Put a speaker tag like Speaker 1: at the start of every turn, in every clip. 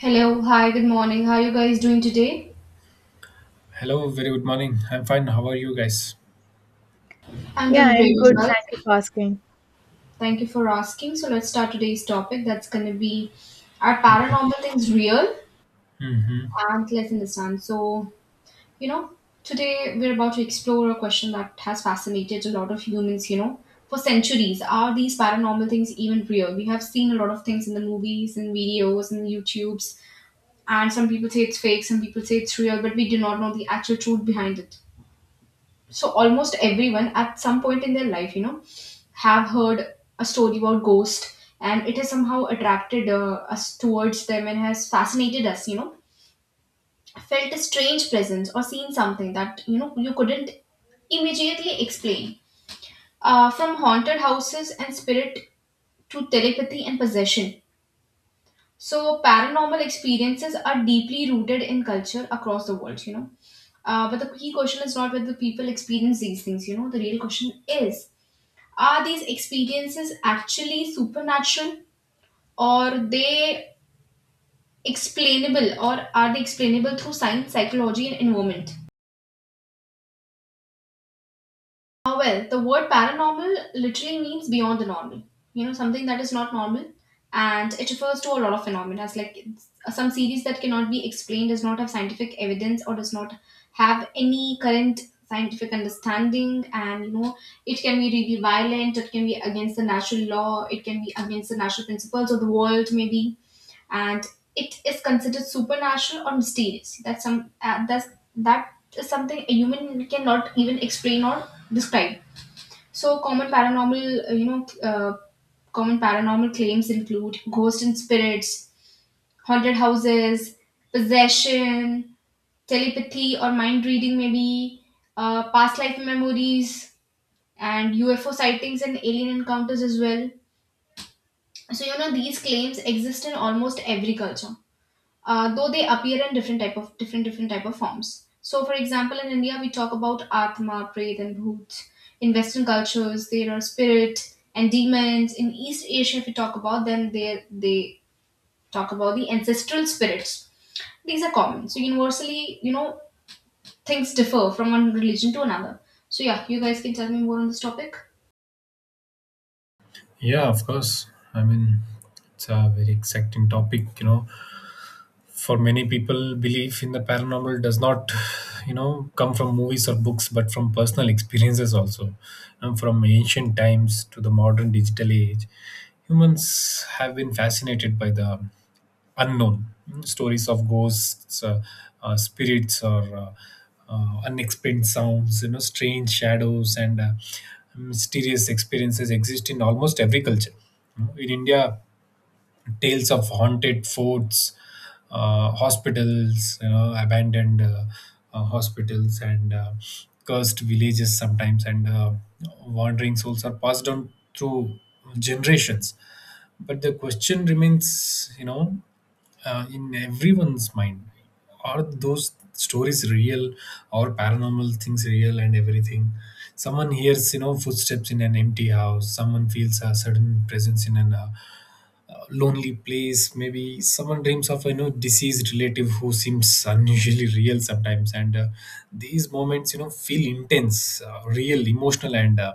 Speaker 1: Hello, hi, good morning. How are you guys doing today?
Speaker 2: Hello, very good morning. I'm fine. How are you guys?
Speaker 1: I'm
Speaker 3: Yeah,
Speaker 1: doing
Speaker 3: I'm
Speaker 1: great as
Speaker 3: good.
Speaker 1: well.
Speaker 3: Thank you for asking.
Speaker 1: Thank you for asking. So let's start today's topic. That's gonna be are paranormal things real?
Speaker 2: Hmm.
Speaker 1: And let's understand. So, you know, today we're about to explore a question that has fascinated a lot of humans, you know, for centuries. Are these paranormal things even real? We have seen a lot of things in the movies and videos and YouTubes, and some people say it's fake, some people say it's real, but we do not know the actual truth behind it. So almost everyone at some point in their life, you know, have heard a story about ghost, and it has somehow attracted us towards them and has fascinated us, you know, felt a strange presence or seen something that, you know, you couldn't immediately explain. Uh, from haunted houses and spirit to telepathy and possession, so paranormal experiences are deeply rooted in culture across the world, you know. Uh, but the key question is not whether people experience these things, you know. The real question is, are these experiences actually supernatural, or they explainable, or are they explainable through science, psychology and environment? Well, the word paranormal literally means beyond the normal. You know, something that is not normal, and it refers to a lot of phenomena, like some series that cannot be explained, does not have scientific evidence, or does not have any current scientific understanding. And you know, it can be really violent. It can be against the natural law. It can be against the natural principles of the world, maybe, and it is considered supernatural or mysterious. That is something a human cannot even explain or describe. So common paranormal claims include ghosts and spirits, haunted houses, possession, telepathy or mind reading, maybe past life memories, and UFO sightings and alien encounters as well. So, you know, these claims exist in almost every culture, though they appear in different type of different type of forms. So, for example, in India, we talk about Atma, Pret, and Bhoot. In Western cultures, there are spirit and demons. In East Asia, if we talk about them, they talk about the ancestral spirits. These are common. So, universally, you know, things differ from one religion to another. So, yeah, you guys can tell me more on this topic.
Speaker 2: Yeah, of course. I mean, it's a very exciting topic. For many people, belief in the paranormal does not, come from movies or books, but from personal experiences also. And from ancient times to the modern digital age, humans have been fascinated by the unknown. Stories of ghosts, spirits, or unexplained sounds, strange shadows, and mysterious experiences exist in almost every culture. In India, tales of haunted forts, hospitals, abandoned hospitals, and cursed villages sometimes, and wandering souls are passed down through generations. But the question remains, in everyone's mind. Are those stories real, or paranormal things real? And everything someone hears, footsteps in an empty house. Someone feels a sudden presence in an lonely place, maybe. Someone dreams of, deceased relative who seems unusually real sometimes. And these moments, feel intense, real, emotional, and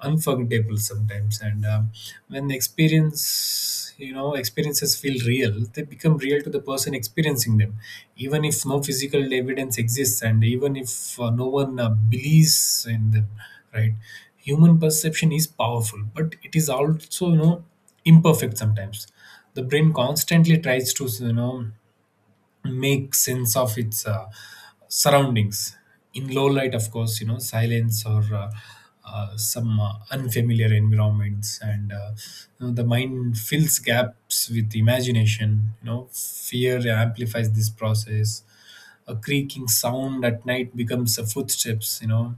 Speaker 2: unforgettable sometimes. And when the experiences feel real, they become real to the person experiencing them, even if no physical evidence exists, and even if no one believes in them, right? Human perception is powerful, but it is also imperfect sometimes. The brain constantly tries to make sense of its surroundings. In low light, of course, silence, or some unfamiliar environments, and the mind fills gaps with imagination. Fear amplifies this process. A creaking sound at night becomes a footsteps.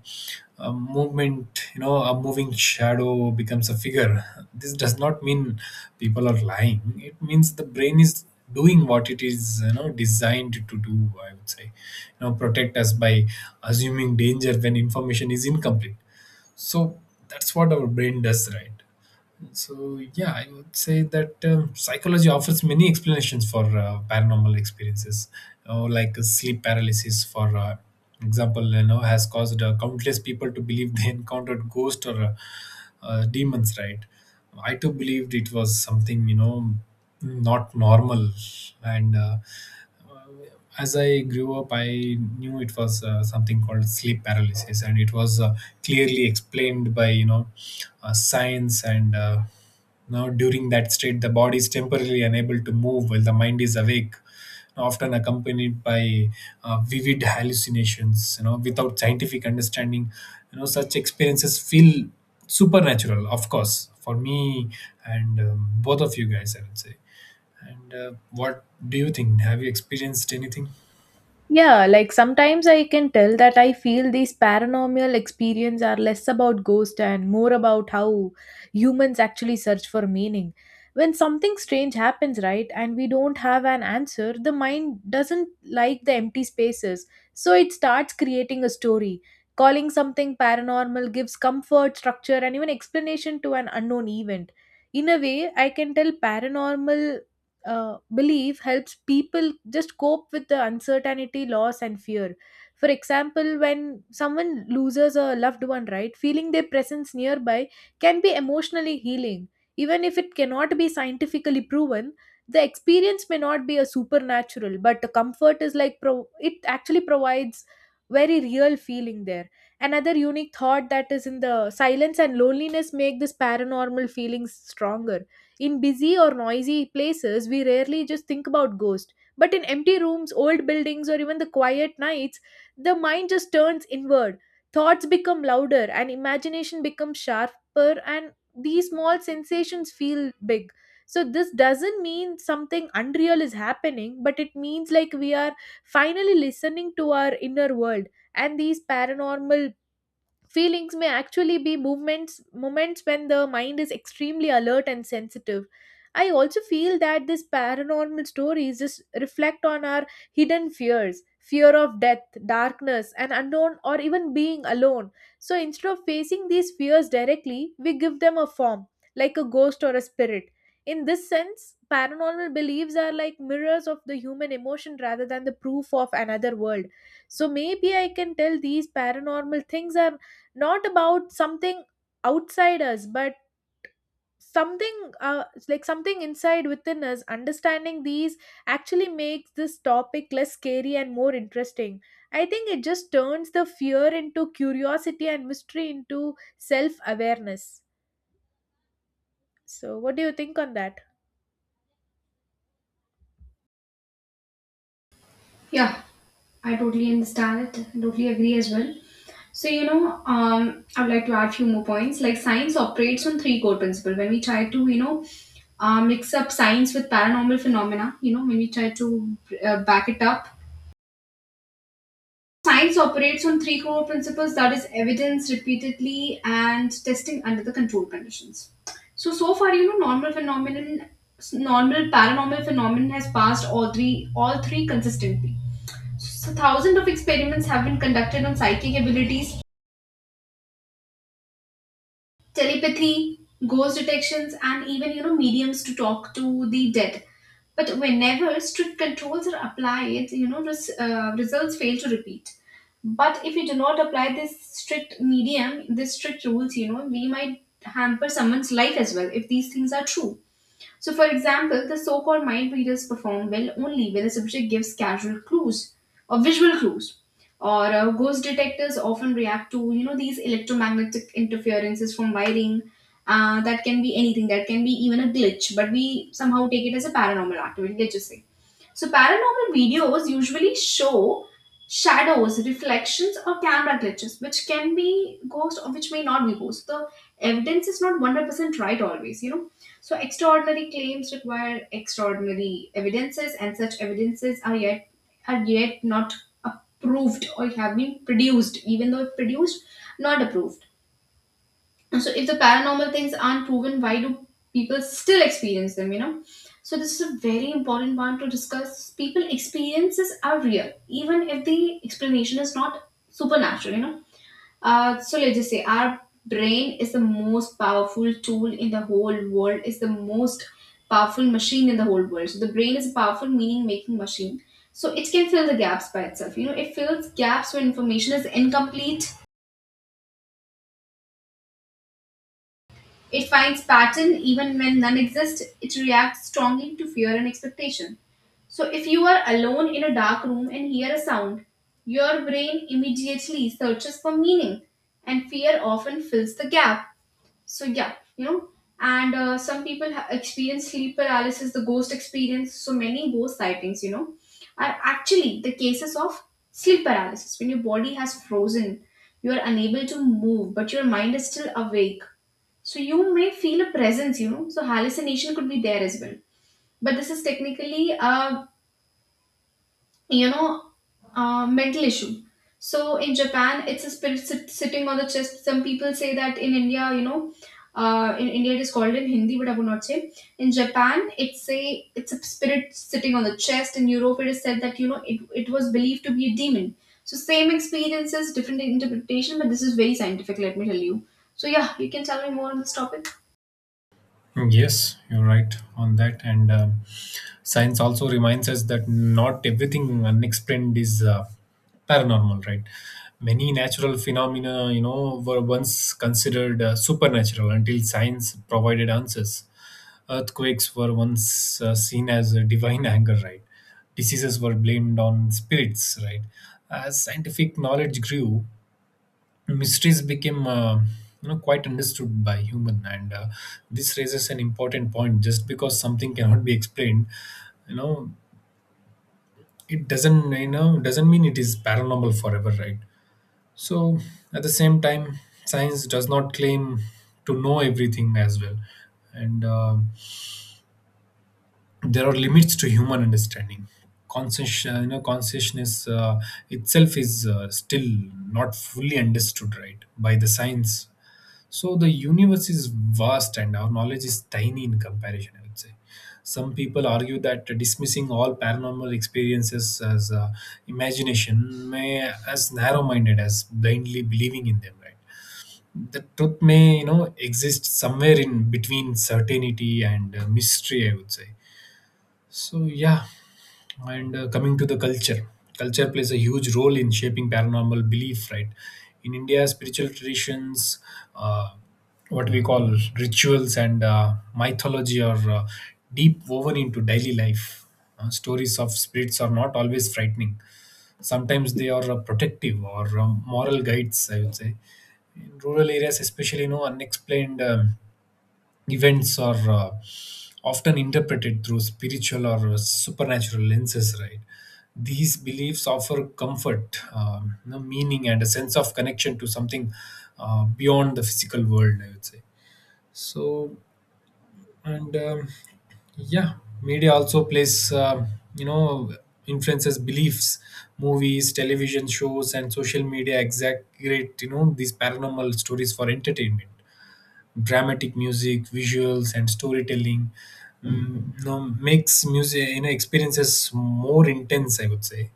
Speaker 2: A movement, a moving shadow becomes a figure. This does not mean people are lying. It means the brain is doing what it is designed to do, I would say, protect us by assuming danger when information is incomplete. So that's what our brain does, right? So yeah, I would say that psychology offers many explanations for paranormal experiences, like sleep paralysis, for example, has caused countless people to believe they encountered ghosts or demons. Right? I too believed it was something not normal, and as I grew up, I knew it was something called sleep paralysis, and it was clearly explained by science. And now during that state, the body is temporarily unable to move while the mind is awake, often accompanied by vivid hallucinations. Without scientific understanding, such experiences feel supernatural, of course, for me and both of you guys, I would say. And what do you think? Have you experienced anything?
Speaker 3: Yeah, like sometimes I can tell that I feel these paranormal experiences are less about ghost and more about how humans actually search for meaning. When something strange happens, right, and we don't have an answer, the mind doesn't like the empty spaces. So it starts creating a story. Calling something paranormal gives comfort, structure, and even explanation to an unknown event. In a way, I can tell paranormal belief helps people just cope with the uncertainty, loss, and fear. For example, when someone loses a loved one, right, feeling their presence nearby can be emotionally healing. Even if it cannot be scientifically proven, the experience may not be a supernatural, but the comfort is like it actually provides very real feeling there. Another unique thought that is in the silence and loneliness make this paranormal feeling stronger in busy or noisy places, we rarely just think about ghosts. But in empty rooms, old buildings, or even the quiet nights, the mind just turns inward. Thoughts become louder and imagination becomes sharper, and these small sensations feel big. So, this doesn't mean something unreal is happening, but it means like we are finally listening to our inner world. And these paranormal feelings may actually be movements moments when the mind is extremely alert and sensitive. I also feel that these paranormal stories just reflect on our hidden fears, fear of death, darkness, and unknown or even being alone. So instead of facing these fears directly, we give them a form, like a ghost or a spirit. In this sense, paranormal beliefs are like mirrors of the human emotion rather than the proof of another world. So maybe I can tell these paranormal things are not about something outside us but something it's like something inside within us understanding these actually makes this topic less scary and more interesting. I think it just turns the fear into curiosity and mystery into self awareness. So what do you think on that?
Speaker 1: Yeah, I totally understand it. I totally agree as well. So, you know, I would like to add few more points. Like, science operates on three core principles. When we try to, you know, mix up science with paranormal phenomena, you know, when we try to back it up. Science operates on three core principles, that is, evidence repeatedly and testing under the control conditions. So, so far, you know, normal paranormal phenomenon has passed all three consistently. So, so thousands of experiments have been conducted on psychic abilities, telepathy, ghost detections, and even, you know, mediums to talk to the dead. But whenever strict controls are applied, you know, results fail to repeat. But if we do not apply this strict medium, this strict rules, you know, we might hamper someone's life as well if these things are true. So, for example, the so called mind readers perform well only when the subject gives casual clues or visual clues. Or ghost detectors often react to, you know, these electromagnetic interferences from wiring. That can be anything. That can be even a glitch, but we somehow take it as a paranormal activity. Let's just say. So, paranormal videos usually show shadows, reflections, or camera glitches, which can be ghost or which may not be ghost. The evidence is not 100% right always, you know. So, extraordinary claims require extraordinary evidences, and such evidences are yet, are yet not approved or have been produced, even though produced, not approved. So if the paranormal things aren't proven, why do people still experience them, you know? So this is a very important one to discuss. People experiences are real, even if the explanation is not supernatural, you know. So let's just say our brain is the most powerful tool in the whole world, is the most powerful machine in the whole world. So the brain is a powerful meaning making machine. So it can fill the gaps by itself. You know, it fills gaps when information is incomplete. It finds pattern even when none exist. It reacts strongly to fear and expectation. So if you are alone in a dark room and hear a sound, your brain immediately searches for meaning, and fear often fills the gap. So yeah, you know, and some people experience sleep paralysis, the ghost experience. So many ghost sightings, you know, are actually the cases of sleep paralysis, when your body has frozen, you are unable to move, but your mind is still awake, so you may feel a presence, you know. So hallucination could be there as well, but this is technically a, you know, a mental issue. So in Japan, it's a sitting on the chest. Some people say that in India, you know, in India it is called in Hindi, but I would not say. In Japan, it's a spirit sitting on the chest. In Europe, it is said that, you know, it was believed to be a demon. So same experiences, different interpretation, but this is very scientific. Let me tell you. So yeah, you can tell me more on this topic.
Speaker 2: Yes, you're right on that. And science also reminds us that not everything unexplained is paranormal, right? Many natural phenomena, were once considered supernatural until science provided answers. Earthquakes were once seen as a divine anger, right? Diseases were blamed on spirits, right? As scientific knowledge grew, mysteries became quite understood by human, and this raises an important point. Just because something cannot be explained, you know it doesn't you know doesn't mean it is paranormal forever, right? So at the same time, science does not claim to know everything as well, and there are limits to human understanding. Consciousness itself is still not fully understood, right, by the science. So the universe is vast and our knowledge is tiny in comparison, I would say. Some people argue that dismissing all paranormal experiences as imagination may as narrow-minded as blindly believing in them, right? The truth may, exist somewhere in between certainty and mystery, I would say. So yeah. And coming to the culture, culture plays a huge role in shaping paranormal belief, right? In India, spiritual traditions, uh, what we call rituals, and mythology are deep woven into daily life. Stories of spirits are not always frightening. Sometimes they are protective or moral guides, I would say. In rural areas, especially, unexplained events are often interpreted through spiritual or supernatural lenses, right? These beliefs offer comfort, meaning, and a sense of connection to something beyond the physical world, I would say. So, and yeah, media also you know, influences beliefs. Movies, television shows, and social media exaggerate, these paranormal stories for entertainment. Dramatic music, visuals, and storytelling. Makes music, experiences more intense, I would say.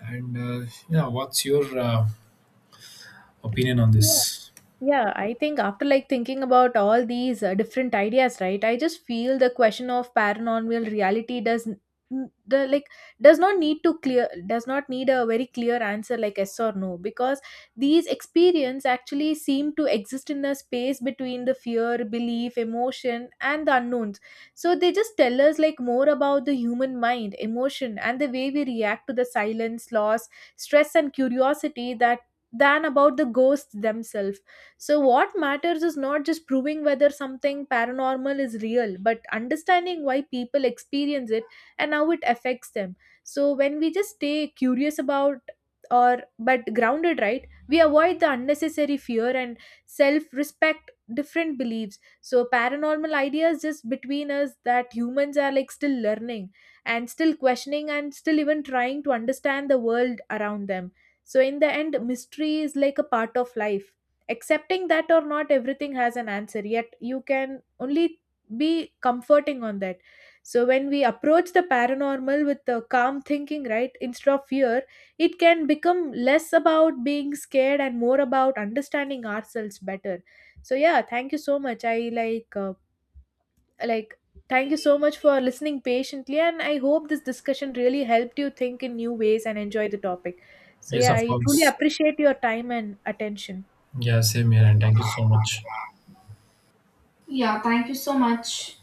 Speaker 2: And yeah, what's your opinion on this?
Speaker 3: Yeah, I think after like thinking about all these different ideas, right? I just feel the question of paranormal reality does n- n- the like does not need to clear does not need a very clear answer like yes or no, because these experience actually seem to exist in a space between the fear, belief, emotion and the unknowns. So they just tell us like more about the human mind, emotion and the way we react to the silence, loss, stress and curiosity that than about the ghosts themselves. So, what matters is not just proving whether something paranormal is real, but understanding why people experience it and how it affects them. So, when we just stay curious about or but grounded, right, we avoid the unnecessary fear and self respect different beliefs. So, paranormal ideas just between us that humans are like still learning and still questioning and still even trying to understand the world around them. So, in the end, mystery is like a part of life accepting that or not everything has an answer yet, you can only be comforting on that. So when we approach the paranormal with the calm thinking, right, instead of fear, it can become less about being scared and more about understanding ourselves better. So yeah, thank you so much. I like Thank you so much for listening patiently, and I hope this discussion really helped you think in new ways and enjoy the topic. So
Speaker 2: Yes,
Speaker 3: yeah,
Speaker 2: of
Speaker 3: I truly
Speaker 2: course.
Speaker 3: appreciate your time and attention.
Speaker 2: Yeah, same here, and thank you so much.
Speaker 1: Yeah, thank you so much.